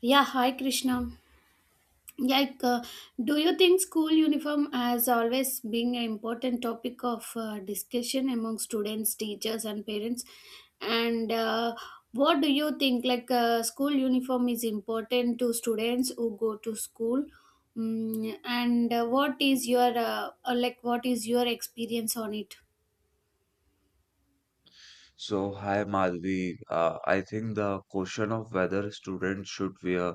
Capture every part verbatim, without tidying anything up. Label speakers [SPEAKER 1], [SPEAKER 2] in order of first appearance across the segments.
[SPEAKER 1] Yeah, hi Krishna. Like, uh, do you think school uniform has always been an important topic of uh, discussion among students, teachers, and parents? And uh, What do you think? Like, uh, school uniform is important to students who go to school. Mm, and uh, what is your uh, uh, like? What is your experience on it?
[SPEAKER 2] So, hi Madhvi. Uh, I think the question of whether students should wear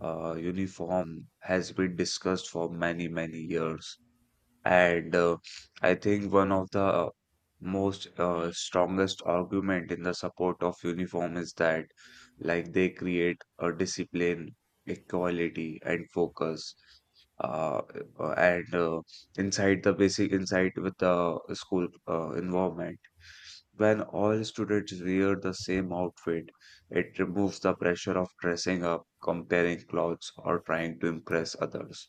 [SPEAKER 2] uh, uniform has been discussed for many, many years. And uh, I think one of the most uh, strongest argument in the support of uniform is that like they create a discipline, equality, and focus. Uh, uh, and uh, inside the basic inside with the school uh, environment, when all students wear the same outfit, it removes the pressure of dressing up, comparing clothes, or trying to impress others.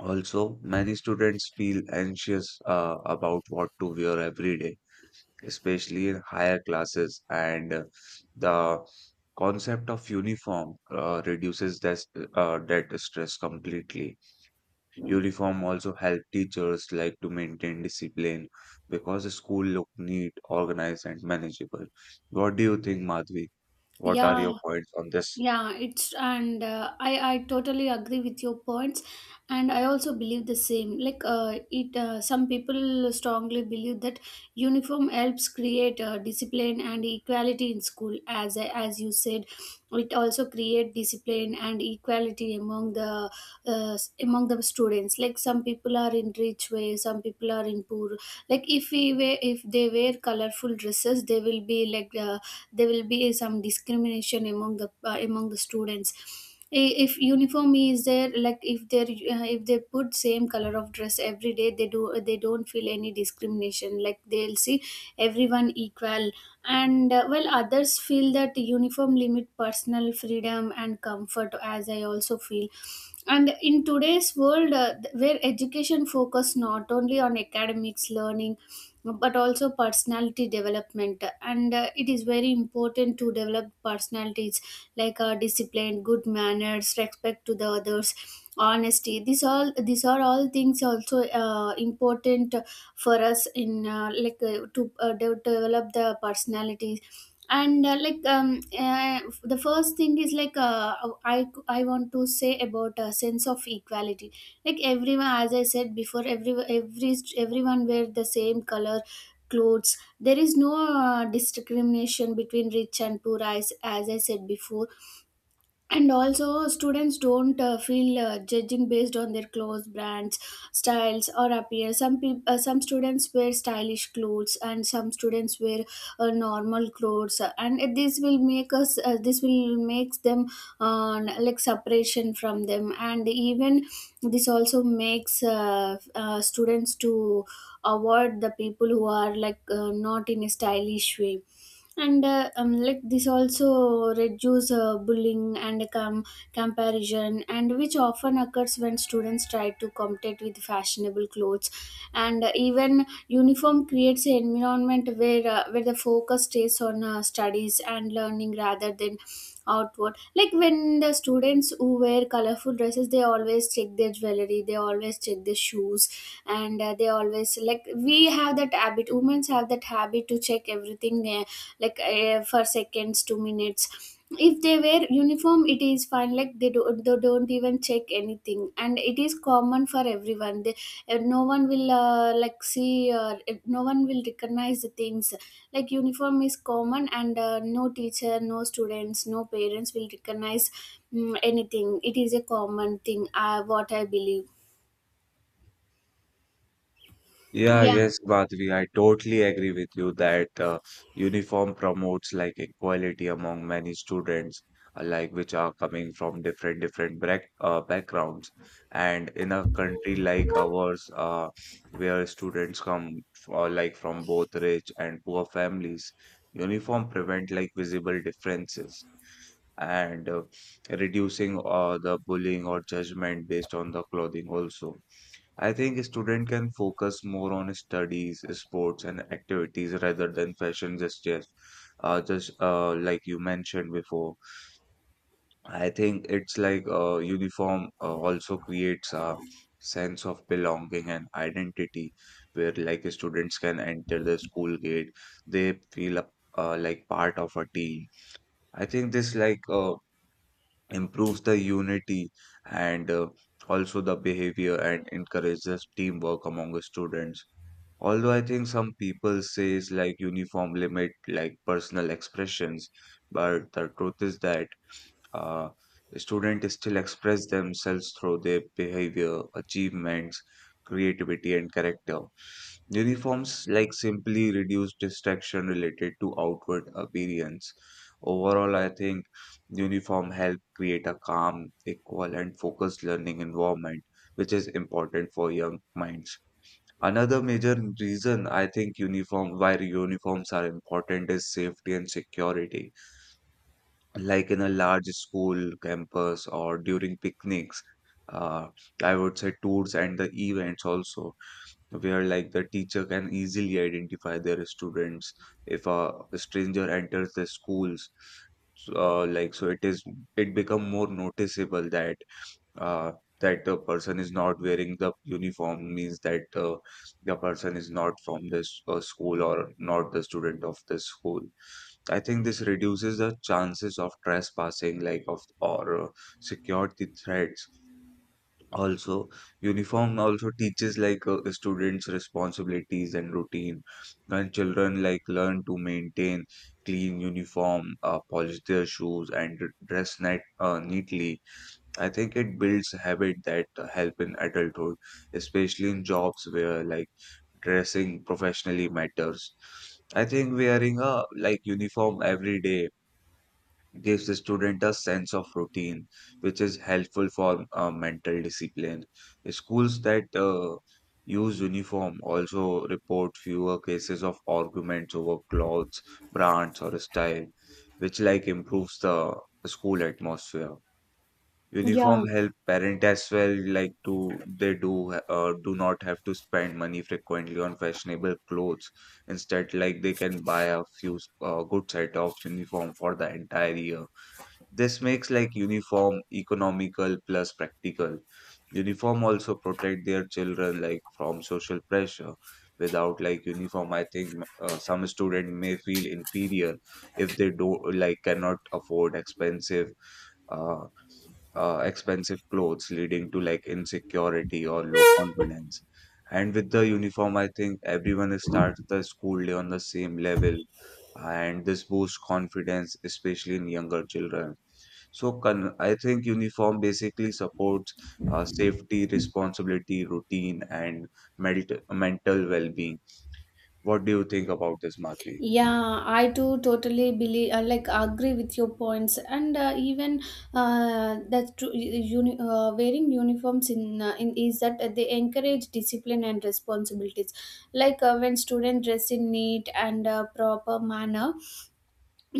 [SPEAKER 2] Also, many students feel anxious uh, about what to wear every day, especially in higher classes, and uh, the concept of uniform uh, reduces that, uh, that stress completely. Uniform also help teachers like to maintain discipline because the school look neat, organized, and manageable. What do you think, Madhvi? What are
[SPEAKER 1] Yeah,
[SPEAKER 2] your points on this?
[SPEAKER 1] Yeah, it's and uh, I I totally agree with your points, and I also believe the same. Like uh, it, uh, some people strongly believe that uniform helps create uh, discipline and equality in school. As as you said, it also create discipline and equality among the uh, s- among the students. Like some people are in rich way, some people are in poor. Like if we wear, if they wear colorful dresses, they will be like like uh, there will be some discrimination among the uh, among the students I- If uniform is there, like if they uh, if they put same color of dress every day, they do, they don't feel any discrimination, like they'll see everyone equal. And uh, well, others feel that uniform limit personal freedom and comfort, as I also feel. And in today's world uh, th- where education focus not only on academics learning but also personality development. And uh, it is very important to develop personalities, like uh, discipline, good manners, respect to the others, honesty, these all these are all things also uh, important for us in uh, like uh, to uh, de- develop the personalities. And uh, like um, uh, the first thing is like uh, I, I want to say about a sense of equality. Like everyone, as I said before, every every everyone wear the same color clothes, there is no uh, discrimination between rich and poor, as, as I said before. And also students don't uh, feel uh, judging based on their clothes, brands, styles or appearance. Some people uh, some students wear stylish clothes and some students wear uh, normal clothes, and it- this will make us uh, this will makes them uh, like separation from them. And even this also makes uh, uh, students to avoid the people who are like uh, not in a stylish way. And uh, um, like this also reduce uh, bullying and com- comparison, and which often occurs when students try to compete with fashionable clothes. And uh, even uniform creates an environment where uh, where the focus stays on uh, studies and learning rather than outward. Like when the students who wear colorful dresses, they always check their jewelry, they always check their shoes. And uh, they always like, we have that habit, women have that habit to check everything, uh, like uh, for seconds, two minutes. If they wear uniform, it is fine, like they do, they don't even check anything, and it is common for everyone. They uh, No one will uh, like see uh, eh, no one will recognize the things. Like uniform is common and uh, no teacher, no students, no parents will recognize mm anything. It is a common thing, uh, what I believe.
[SPEAKER 2] Yeah,
[SPEAKER 1] Yeah,
[SPEAKER 2] yes, Badvi, I totally agree with you that uh, uniform promotes like equality among many students, uh, like which are coming from different different back, uh, backgrounds. And in a country like ours, uh, where students come uh, like from both rich and poor families, uniform prevent like visible differences and uh, reducing uh, the bullying or judgment based on the clothing also. I think a student can focus more on studies, sports, and activities rather than fashion just Uh, just uh, Like you mentioned before, I think it's like uh, uniform uh, also creates a sense of belonging and identity, where like students can enter the school gate, they feel a- uh, like part of a team. I think this like uh, improves the unity and uh, also the behavior and encourages teamwork among the students. Although I think some people says like uniform limit like personal expressions, but the truth is that uh, students still express themselves through their behavior, achievements, creativity, and character. Uniforms like simply reduce distraction related to outward appearance. Overall, I think uniform help create a calm, equal, and focused learning environment, which is important for young minds. Another major reason I think uniform why uniforms are important is safety and security. Like in a large school campus or during picnics, uh, I would say tours and the events also, where like the teacher can easily identify their students if a stranger enters the schools. So, uh, like so, it is it become more noticeable that uh, that the person is not wearing the uniform means that uh, the person is not from this uh, school or not the student of this school. I think this reduces the chances of trespassing, like of or uh, security threats. Also, uniform also teaches like uh, students responsibilities and routine. When children like learn to maintain clean uniform, uh, polish their shoes, and dress net uh, neatly, I think it builds habit that uh, help in adulthood, especially in jobs where like dressing professionally matters. I think wearing a like uniform every day gives the student a sense of routine, which is helpful for uh, mental discipline. Schools that uh, use uniform also report fewer cases of arguments over clothes, brands, or style, which like improves the school atmosphere.
[SPEAKER 1] yeah.
[SPEAKER 2] Uniform help parent as well, like to they do uh, do not have to spend money frequently on fashionable clothes. Instead, like they can buy a few uh, good set of uniform for the entire year. This makes like uniform economical plus practical. Uniform also protect their children like from social pressure. Without like uniform, I think uh, some student may feel inferior if they don't like cannot afford expensive uh, uh, expensive clothes, leading to like insecurity or low confidence. And with the uniform, I think everyone starts the school day on the same level, and this boosts confidence, especially in younger children. So, con- I think uniform basically supports uh, safety, responsibility, routine, and medit- mental well-being. What do you think about this, Madhvi?
[SPEAKER 1] Yeah, I too totally believe, uh, like, agree with your points. And uh, even uh, that's true. Uni- uh, wearing uniforms in, uh, in is that uh, they encourage discipline and responsibilities. Like uh, when students dress in neat and uh, proper manner,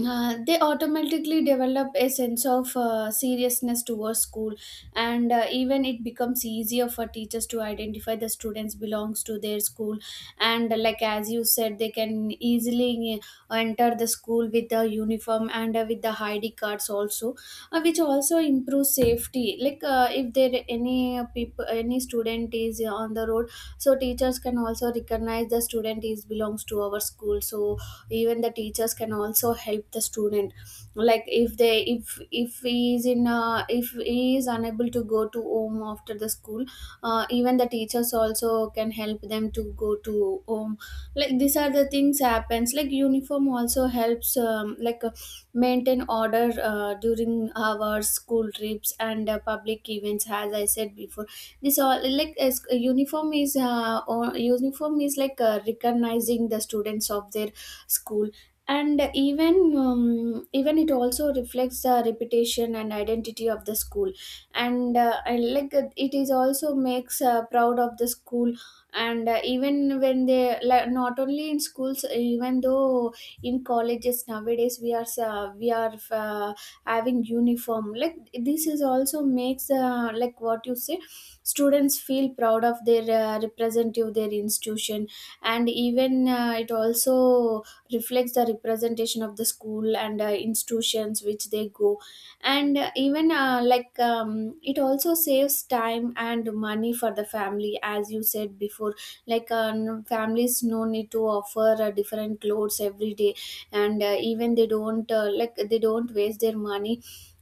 [SPEAKER 1] uh, they automatically develop a sense of uh, seriousness towards school. And uh, even it becomes easier for teachers to identify the students belongs to their school. And uh, like as you said, they can easily uh, enter the school with the uniform, and uh, with the ID cards also, uh, which also improves safety. Like uh, if there any people, any student is on the road, so teachers can also recognize the student is belongs to our school, so even the teachers can also help the student. Like if they, if if he is in uh, if he is unable to go to home after the school, uh, even the teachers also can help them to go to home. Like these are the things happens. Like uniform also helps um, like uh, maintain order uh, during our school trips and uh, public events, as I said before. This all like, as uniform is uh, or uniform is like uh, recognizing the students of their school. And even um, even it also reflects the reputation and identity of the school. And, uh, and like uh, it is also makes uh, proud of the school. And uh, even when they like, not only in schools, even though in colleges, nowadays we are uh, we are uh, having uniform, like this is also makes uh, like what you say, students feel proud of their uh, representative their institution. And even uh, it also reflects the representation of the school and uh, institutions which they go. And uh, even uh, like um, it also saves time and money for the family, as you said before. Like uh, n- families no need to offer uh, different clothes every day. And uh, even they don't uh, like they don't waste their money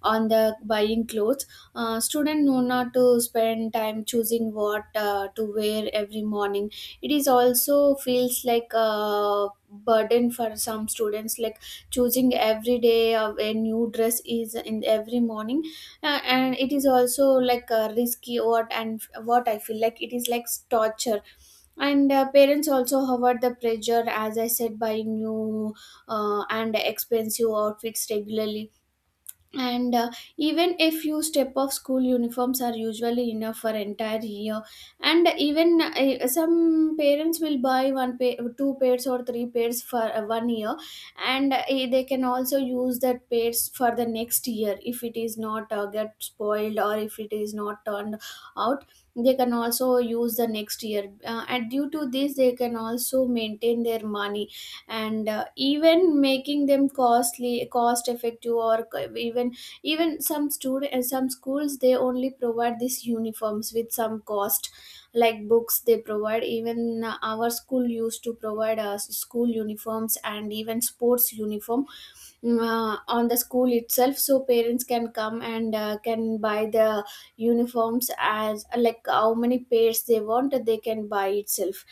[SPEAKER 1] on the buying clothes. Uh, student know not to spend time choosing what uh, to wear every morning. It is also feels like a burden for some students, like choosing every day of a new dress is in every morning. Uh, and it is also like a risky, what and what I feel, like it is like torture. And uh, parents also hovered the pressure, as I said, buying new uh, and expensive outfits regularly. And uh, even if you step off school, uniforms are usually enough for entire year. And even uh, some parents will buy one pair, two pairs or three pairs for uh, one year. And uh, eh, they can also use that pairs for the next year. If it is not uh, get spoiled, or if it is not turned out, they can also use the next year. Uh, and due to this, they can also maintain their money. And uh, even making them costly, cost effective, or c- even, even some student uh, some schools they only provide these uniforms with some cost, like books they provide. Even uh, our school used to provide us school uniforms and even sports uniform. Mm, uh, on the school itself, so parents can come and uh, can buy the uniforms as like how many pairs they want, they can buy itself.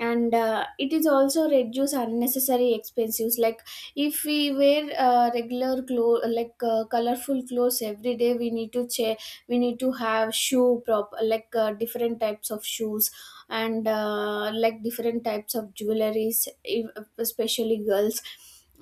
[SPEAKER 1] And uh, it is also reduce unnecessary expenses. Like if we wear uh, regular clothes, like uh, colorful clothes every day, we need to che- we need to have shoe prop, like uh, different types of shoes. And uh, like different types of jewelries, ev- especially girls.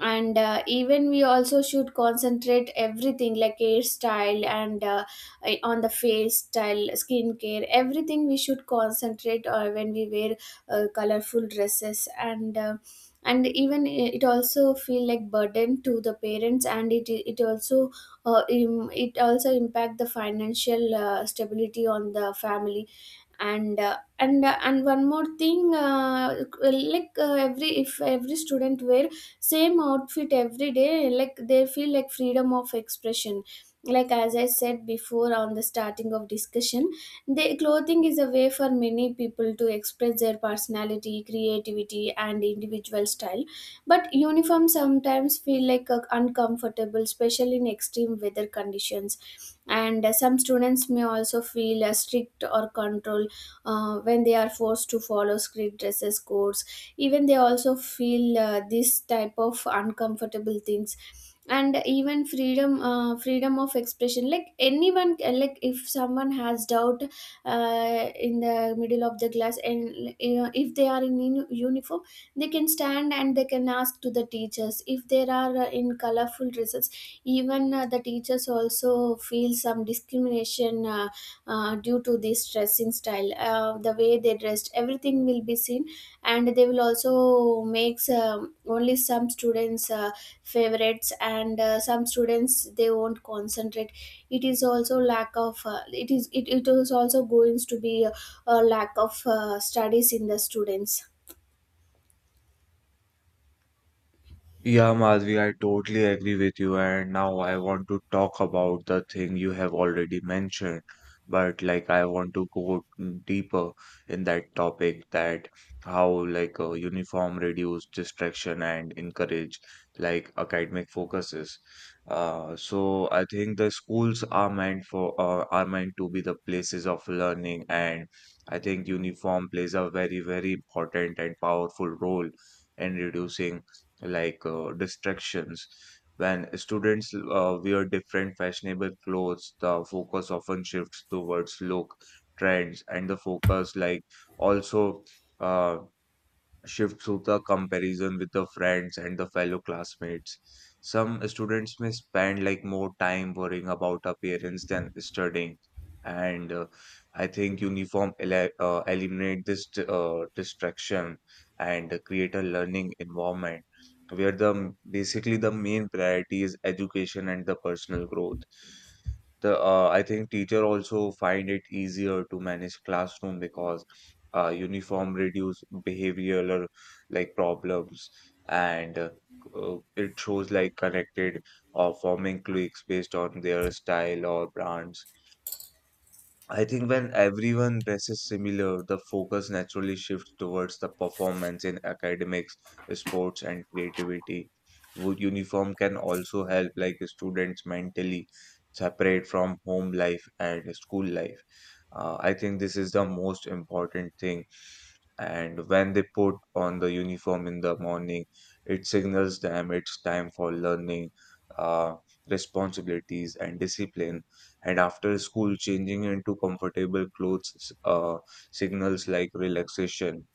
[SPEAKER 1] And uh, even we also should concentrate everything, like hairstyle and uh, eh, on the face style, skincare, everything we should concentrate uh, when we wear uh, colorful dresses. And uh, and even i- it also feel like burden to the parents. And it it also uh, im- it also impact the financial uh, stability on the family. And uh, and uh, and one more thing, uh, like uh, every, if every student wear same outfit every day, like they feel like freedom of expression, like as I said before on the starting of discussion. The clothing is a way for many people to express their personality, creativity and individual style. But uniforms sometimes feel like uh, uncomfortable, especially in extreme weather conditions. And uh, some students may also feel uh, strict or controlled uh, when they are forced to follow script dresses codes. Even they also feel uh, this type of uncomfortable things. And even freedom uh, freedom of expression, like anyone, like if someone has doubt uh, in the middle of the class, and you know, if they are in uni- uniform, they can stand and they can ask to the teachers. If they are uh, in colorful dresses, even uh, the teachers also feel some discrimination uh, uh, due to this dressing style, uh, the way they dressed, everything will be seen. And they will also makes um, only some students uh, favorites. And uh, some students they won't concentrate. It is also lack of uh, it is, it, it is also going to be a, a lack of uh, studies in the students.
[SPEAKER 2] Yeah, Madhvi, I totally agree with you. And now I want to talk about the thing you have already mentioned, but like I want to go deeper in that topic that how like uh, uniform reduce distraction and encourage like academic focuses. Uh, so I think the schools are meant for uh, are meant to be the places of learning, and I think uniform plays a very, very important and powerful role in reducing like uh, distractions. When students uh, wear different fashionable clothes, the focus often shifts towards look, trends, and the focus like also. Uh, Shifts to the comparison with the friends and the fellow classmates. Some students may spend like more time worrying about appearance than studying. And uh, I think uniform ele uh, eliminate this d- uh, distraction and create a learning environment where the m- basically the main priority is education and the personal growth. The uh, I think teacher also find it easier to manage classroom because uh, uniform reduce behavioral like problems, and uh, uh, it shows like connected or forming cliques based on their style or brands. I think when everyone dresses similar, the focus naturally shifts towards the performance in academics, sports, and creativity. Wo- Uniform can also help like students mentally separate from home life and school life. Uh, I think this is the most important thing. And when they put on the uniform in the morning, it signals them it's time for learning, uh, responsibilities, and discipline, and after school changing into comfortable clothes uh, signals like relaxation.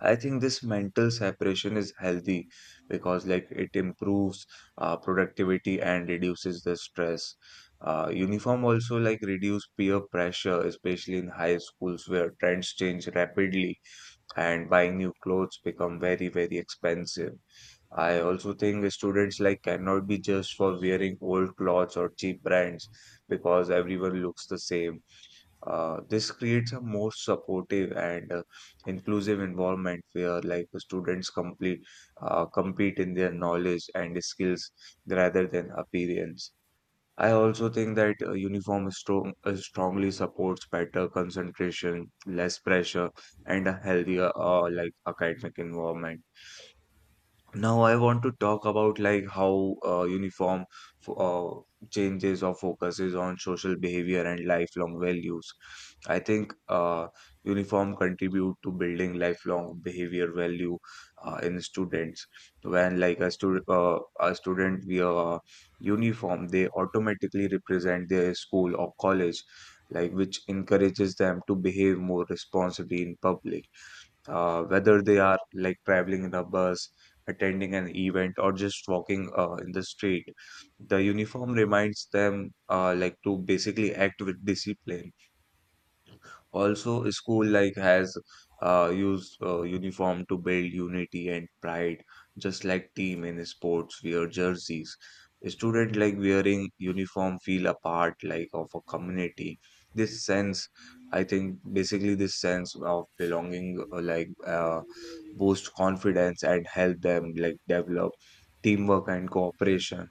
[SPEAKER 2] I think this mental separation is healthy because like it improves uh, productivity and reduces the stress. Uh, uniform also like reduce peer pressure, especially in high schools where trends change rapidly and buying new clothes become very very expensive. I also think students like cannot be just for wearing old clothes or cheap brands because everyone looks the same. Uh, this creates a more supportive and uh, inclusive environment where like the students complete uh, compete in their knowledge and skills rather than appearance. I also think that uh, uniform strong, uh, strongly supports better concentration, less pressure, and a healthier uh, like academic environment. Now I want to talk about like how uh, uniform f- uh, changes or focuses on social behavior and lifelong values. I think uh, uniform contribute to building lifelong behavior value uh, in students. When like a student uh, a student wear uniform, they automatically represent their school or college, like which encourages them to behave more responsibly in public, uh, whether they are like traveling in a bus, attending an event, or just walking uh, in the street. The uniform reminds them uh, like to basically act with discipline. Also, school like has uh, used uh, uniform to build unity and pride, just like team in sports wear jerseys. Student like wearing uniform feel a part like of a community. This sense, I think, basically this sense of belonging, uh, like uh, boost confidence and help them like develop teamwork and cooperation.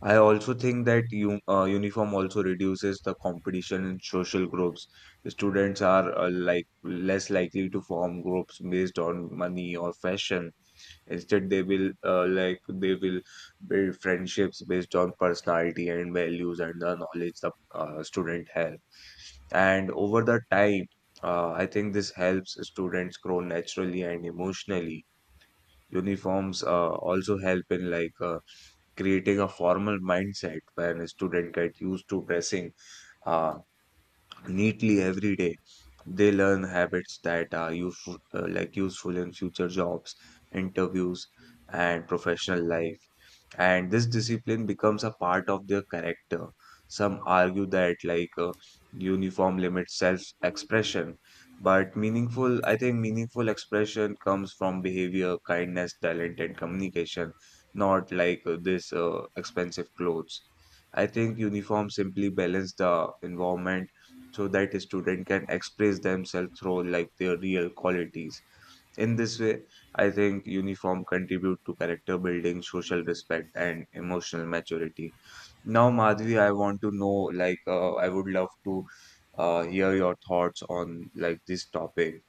[SPEAKER 2] I also think that u- uh, uniform also reduces the competition in social groups. Students are uh, like less likely to form groups based on money or fashion. Instead, they will uh, like they will build friendships based on personality and values and the knowledge the uh, student has. And over the time, uh, I think this helps students grow naturally and emotionally. Uniforms uh, also help in like uh, creating a formal mindset where a student get used to dressing uh, neatly every day. They learn habits that are useful, uh, like useful in future jobs, interviews, and professional life. And this discipline becomes a part of their character. Some argue that like uh, uniform limits self-expression, but meaningful, I think meaningful expression comes from behavior, kindness, talent, and communication, not like uh, this uh, expensive clothes. I think uniform simply balance the environment so that a student can express themselves through like their real qualities. In this way, I think uniform contribute to character building, social respect, and emotional maturity. Now Madhvi, I want to know like uh, I would love to uh, hear your thoughts on like this topic.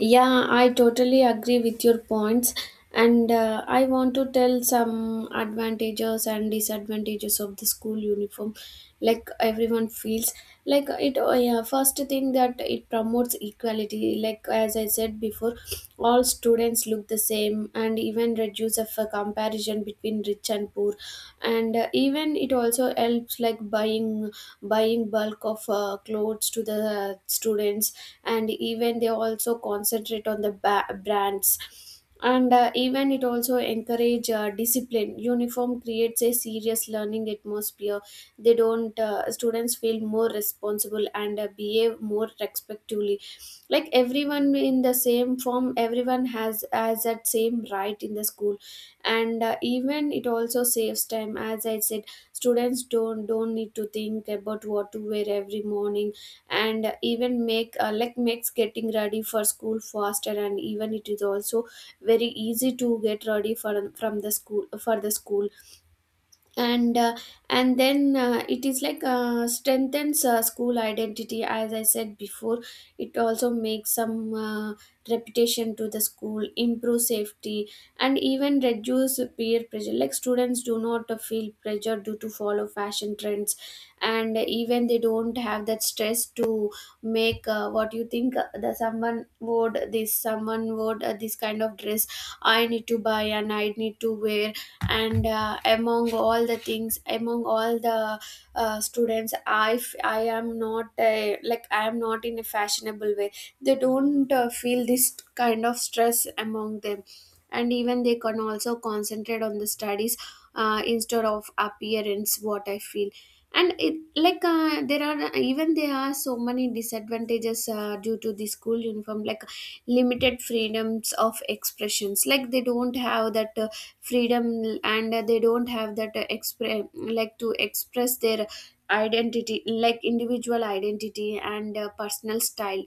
[SPEAKER 1] Yeah, I totally agree with your points. And uh, I want to tell some advantages and disadvantages of the school uniform. Like everyone feels like it. Oh, yeah, first thing that it promotes equality. Like as I said before, all students look the same, and even reduce the of a comparison between rich and poor, and uh, even it also helps like buying buying bulk of uh, clothes to the uh, students, and even they also concentrate on the ba- brands. And uh, Even it also encourage uh, discipline. Uniform creates a serious learning atmosphere. They don't uh, students feel more responsible and uh, behave more respectfully, like everyone in the same form, everyone has has that same right in the school. And uh, Even it also saves time. As I said, students don't don't need to think about what to wear every morning, and uh, even make uh, like makes getting ready for school faster, and even it is also very easy to get ready for from the school for the school. And uh, and then uh, It is like uh, strengthens uh, school identity. As I said before, it also makes some uh, reputation to the school, improve safety, and even reduce peer pressure, like students do not uh, feel pressure due to follow fashion trends. And even they don't have that stress to make uh, what you think uh, the someone would this someone would uh, this kind of dress I need to buy and I need to wear. And uh, Among all the things, among all the uh, students, i f- I am not a, like I am not in a fashionable way. They don't uh, feel this kind of stress among them, and even they can also concentrate on the studies uh, instead of appearance, what I feel. And it like uh, there are even there are so many disadvantages uh, due to the school uniform, like limited freedoms of expressions. Like they don't have that uh, freedom, and uh, they don't have that uh, expre- like to express their identity, like individual identity and uh, personal style.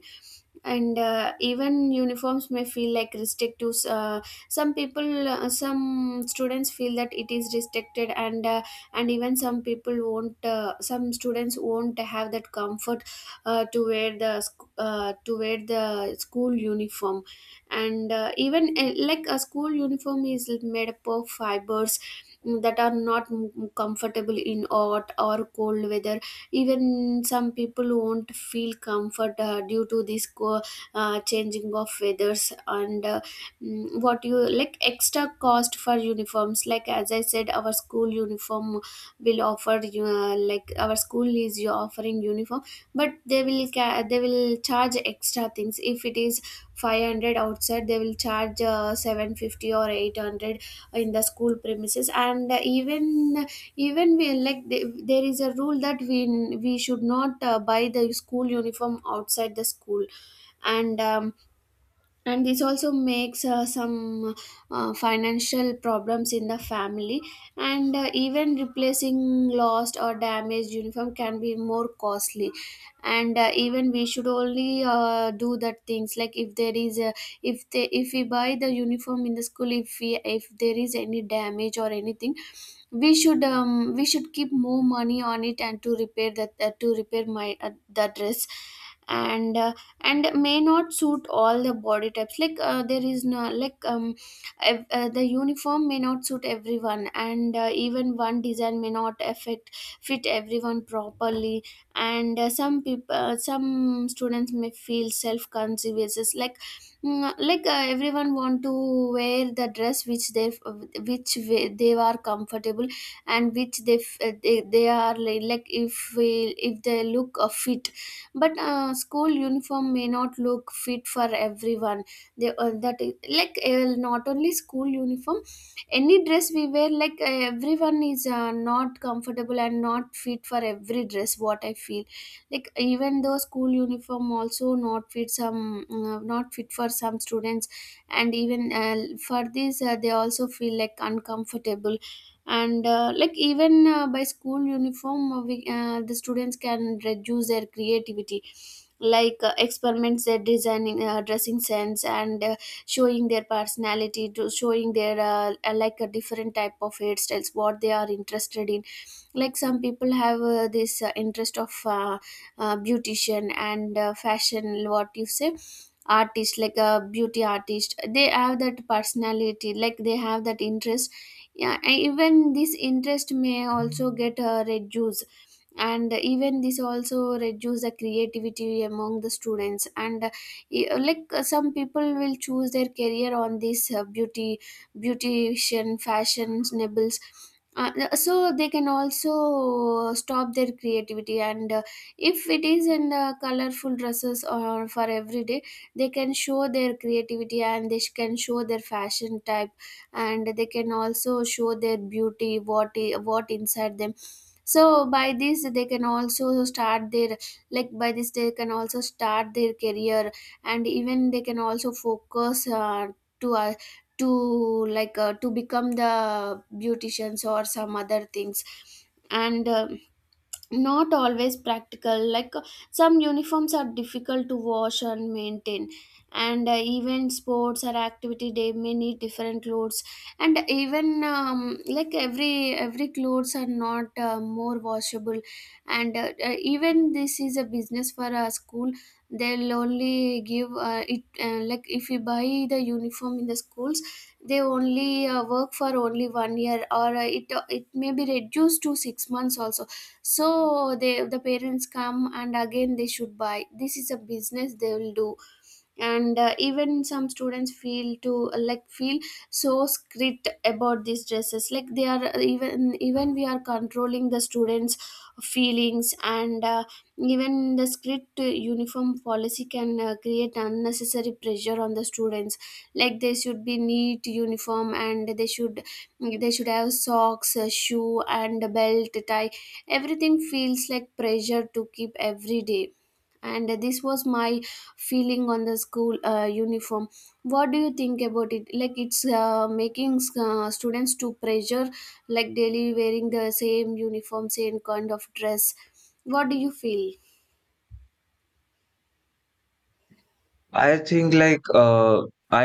[SPEAKER 1] And uh, Even uniforms may feel like restrictive. Uh, some people uh, some students feel that it is restricted, and uh, and even some people won't uh, some students won't have that comfort uh, to wear the sc- uh, to wear the school uniform. And uh, even uh, Like a school uniform is made up of fibers that are not m- comfortable in hot or cold weather. Even some people won't feel comfort uh, due to this co- uh, changing of weathers, and uh, mm, what you like, extra cost for uniforms. Like as I said, our school uniform will offer you uh, like our school is you offering uniform, but they will ca- they will charge extra things. If it is five hundred outside, they will charge uh, seven fifty or eight hundred in the school premises. And even, even we like th- there is a rule that we we should not uh, buy the school uniform outside the school. and um, and this also makes uh, some uh, financial problems in the family. And uh, Even replacing lost or damaged uniform can be more costly, and uh, even we should only uh, do that things. Like if there is a, if they, if we buy the uniform in the school, if we, if there is any damage or anything, we should um, we should keep more money on it and to repair that, uh, to repair my uh, the dress. and uh, and may not suit all the body types. Like uh, there is no like um ev- uh, the uniform may not suit everyone, and uh, even one design may not affect fit everyone properly. And uh, Some people, uh, some students may feel self conscious. Like Mm, like uh, everyone want to wear the dress which they, which we- they are comfortable, and which they f- uh, they, they are li- like if we, if they look uh, fit. But uh, school uniform may not look fit for everyone. They uh, that is- like uh, not only school uniform, any dress we wear, like uh, everyone is uh, not comfortable and not fit for every dress, what I feel. Like even though school uniform also not fit some uh, not fit for some students. And even uh, for this uh, they also feel like uncomfortable. And uh, like even uh, By school uniform, uh, we, uh, the students can reduce their creativity, like uh, experiments their designing uh, dressing sense, and uh, showing their personality, to showing their uh, uh, like a different type of hairstyles what they are interested in. Like some people have uh, this uh, interest of uh, uh, beautician and uh, fashion, what you say, artist, like a beauty artist. They have that personality, like they have that interest. Yeah, and even this interest may also get uh, reduced, and even this also reduce the creativity among the students. And uh, e- like uh, Some people will choose their career on this uh, beauty, beautician, fashionables. Uh, so they can also stop their creativity, and uh, if it is in uh, colorful dresses or for every day, they can show their creativity and they sh- can show their fashion type, and they can also show their beauty what i- what inside them. So by this they can also start their, like by this they can also start their career, and even they can also focus uh, to uh, to like uh, to become the beauticians or some other things. And uh, Not always practical. Like uh, some uniforms are difficult to wash and maintain, and uh, even sports or activity, they may need different clothes. And even um, like every every clothes are not uh, more washable. And uh, uh, even this is a business for a school. They'll only give uh, it uh, like if you buy the uniform in the schools, they only uh, work for only one year, or uh, it uh, it may be reduced to six months also. So they, the parents come and again they should buy. This is a business they will do. And uh, even some students feel to uh, like feel so strict about these dresses. Like they are uh, even, even we are controlling the students feelings, and uh, even the strict uniform policy can uh, create unnecessary pressure on the students. Like they should be neat uniform, and they should, they should have socks, a shoe, and a belt, a tie. Everything feels like pressure to keep every day. And this was my feeling on the school uh, uniform. What do you think about it? Like it's uh, making uh, students to pressure, like daily wearing the same uniform, same kind of dress. What do you feel?
[SPEAKER 2] I think like uh, I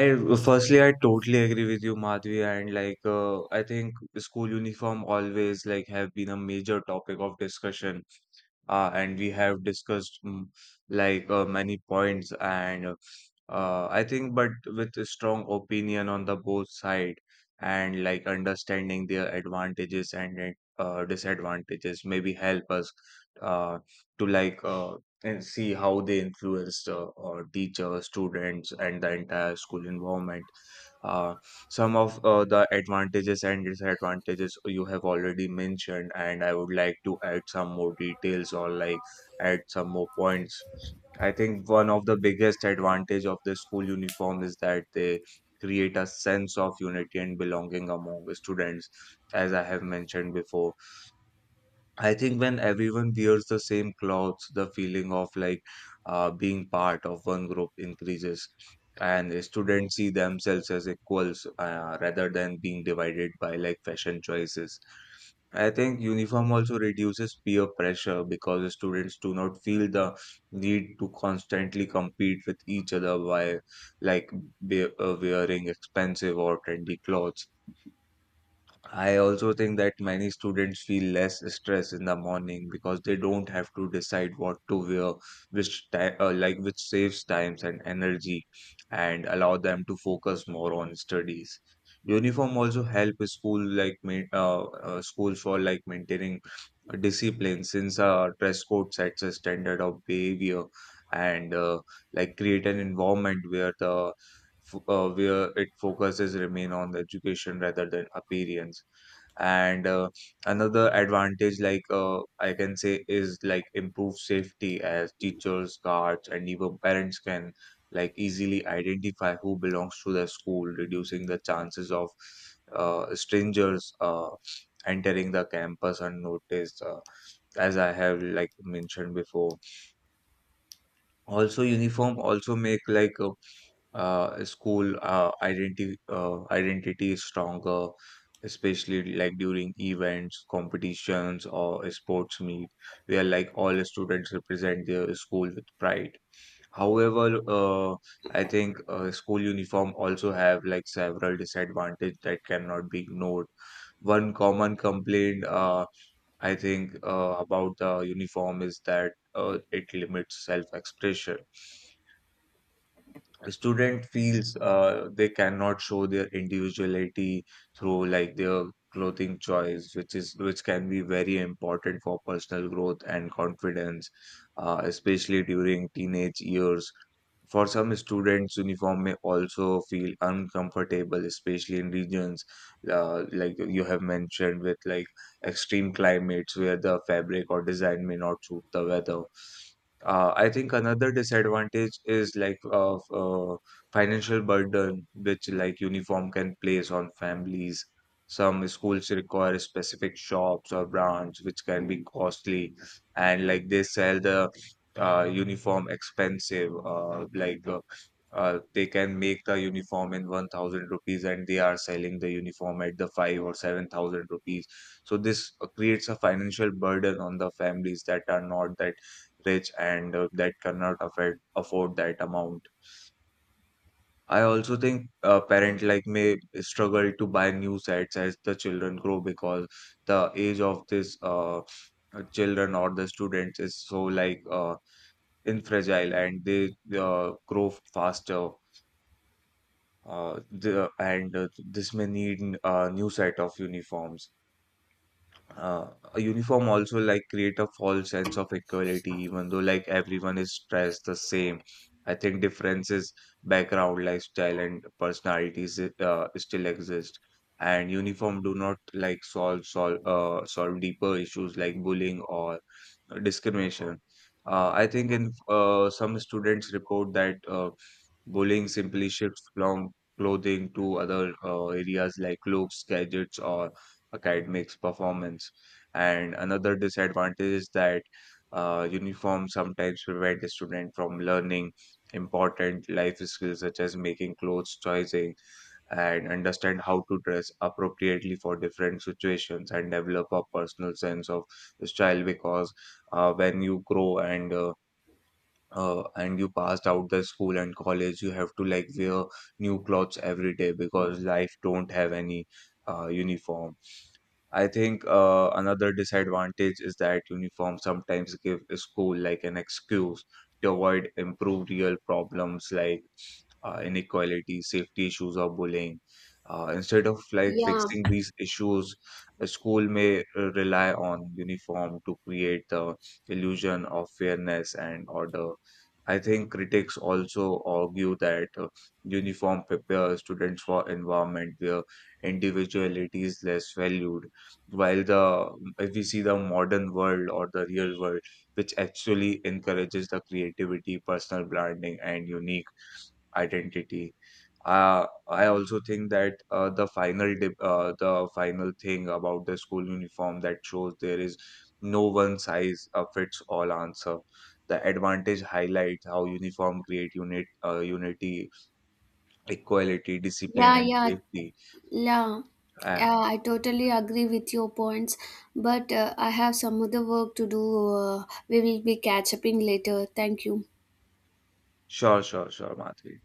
[SPEAKER 2] firstly I totally agree with you Madhvi, and like uh, I think school uniform always like have been a major topic of discussion, uh, and we have discussed mm, like uh, many points, and uh, uh, I think but with a strong opinion on the both side, and like understanding their advantages and uh, uh, disadvantages maybe help us uh, to like uh, and see how they influenced uh, or teachers, students, and the entire school environment. Uh, some of uh, the advantages and disadvantages you have already mentioned, and I would like to add some more details or like add some more points. I think one of the biggest advantage of the school uniform is that they create a sense of unity and belonging among the students, as I have mentioned before. I think when everyone wears the same clothes, the feeling of like uh, being part of one group increases, and the students see themselves as equals, uh, rather than being divided by like fashion choices. I think uniform also reduces peer pressure because the students do not feel the need to constantly compete with each other while like be- uh, wearing expensive or trendy clothes. I also think that many students feel less stress in the morning because they don't have to decide what to wear, which ti- uh, like which saves times and energy and allow them to focus more on studies. Uniform also help a school like main uh, uh, schools for like maintaining a discipline since uh, dress code sets a standard of behavior, and uh, like create an environment where the f- uh, where it focuses remain on the education rather than appearance. And uh, another advantage like uh, I can say is like improved safety, as teachers guards and even parents can like easily identify who belongs to the school, reducing the chances of uh, strangers uh, entering the campus unnoticed, uh, as I have like mentioned before. Also uniform also make like a uh, school uh, identity uh, identity is stronger, especially like during events, competitions, or a sports meet, where like all students represent their school with pride. However, uh, I think uh, school uniform also have like several disadvantages that cannot be ignored. One common complaint, uh, I think, uh, about the uniform is that uh, it limits self-expression. The student feels uh, they cannot show their individuality through like their clothing choice, which is which can be very important for personal growth and confidence, uh, especially during teenage years. For some students, uniform may also feel uncomfortable, especially in regions, uh, like you have mentioned, with like extreme climates where the fabric or design may not suit the weather. Uh, I think another disadvantage is like of uh, financial burden, which like uniform can place on families. Some schools require specific shops or brands, which can be costly, and like they sell the uh, uniform expensive. Uh, like uh, uh, they can make the uniform in one thousand rupees and they are selling the uniform at the five or seven thousand rupees. So this uh, creates a financial burden on the families that are not that rich, and uh, that cannot afford afford that amount. I also think a parent like may struggle to buy new sets as the children grow, because the age of this uh, uh, children or the students is so like uh, infragile, and they uh, grow faster. Uh, the, and uh, This may need a new set of uniforms. Uh, a uniform also like create a false sense of equality. Even though like everyone is dressed the same, I think differences, background, lifestyle and personalities uh, still exist, and uniform do not like solve solve uh, solve deeper issues like bullying or discrimination. uh, I think in uh, some students report that uh, bullying simply shifts from clothing to other uh, areas like looks, gadgets or academics performance. And another disadvantage is that uh, uniforms sometimes prevent a student from learning important life skills, such as making clothes choosing and understand how to dress appropriately for different situations and develop a personal sense of style. Because uh, when you grow and uh, uh, and you passed out the school and college, you have to like wear new clothes every day, because life don't have any uh, uniform. I think, uh, another disadvantage is that uniforms sometimes give a school like an excuse to avoid improve real problems like uh, inequality, safety issues, or bullying. Uh, instead of like
[SPEAKER 1] yeah
[SPEAKER 2] fixing these issues, a school may uh, rely on uniform to create the illusion of fairness and order. I think critics also argue that uh, uniform prepare students for environment where individuality is less valued, while the if we see the modern world or the real world, which actually encourages the creativity, personal branding, and unique identity. Uh, I also think that uh, the final dip, uh, the final thing about the school uniform that shows there is no one size uh, fits all answer. The advantage highlights how uniform create unit uh, unity, equality, discipline,
[SPEAKER 1] yeah
[SPEAKER 2] and
[SPEAKER 1] yeah
[SPEAKER 2] safety.
[SPEAKER 1] yeah
[SPEAKER 2] Uh,
[SPEAKER 1] Yeah, I totally agree with your points, but uh, I have some other work to do. Uh, we will be catch up in later. Thank you.
[SPEAKER 2] sure, sure, sure, Matri.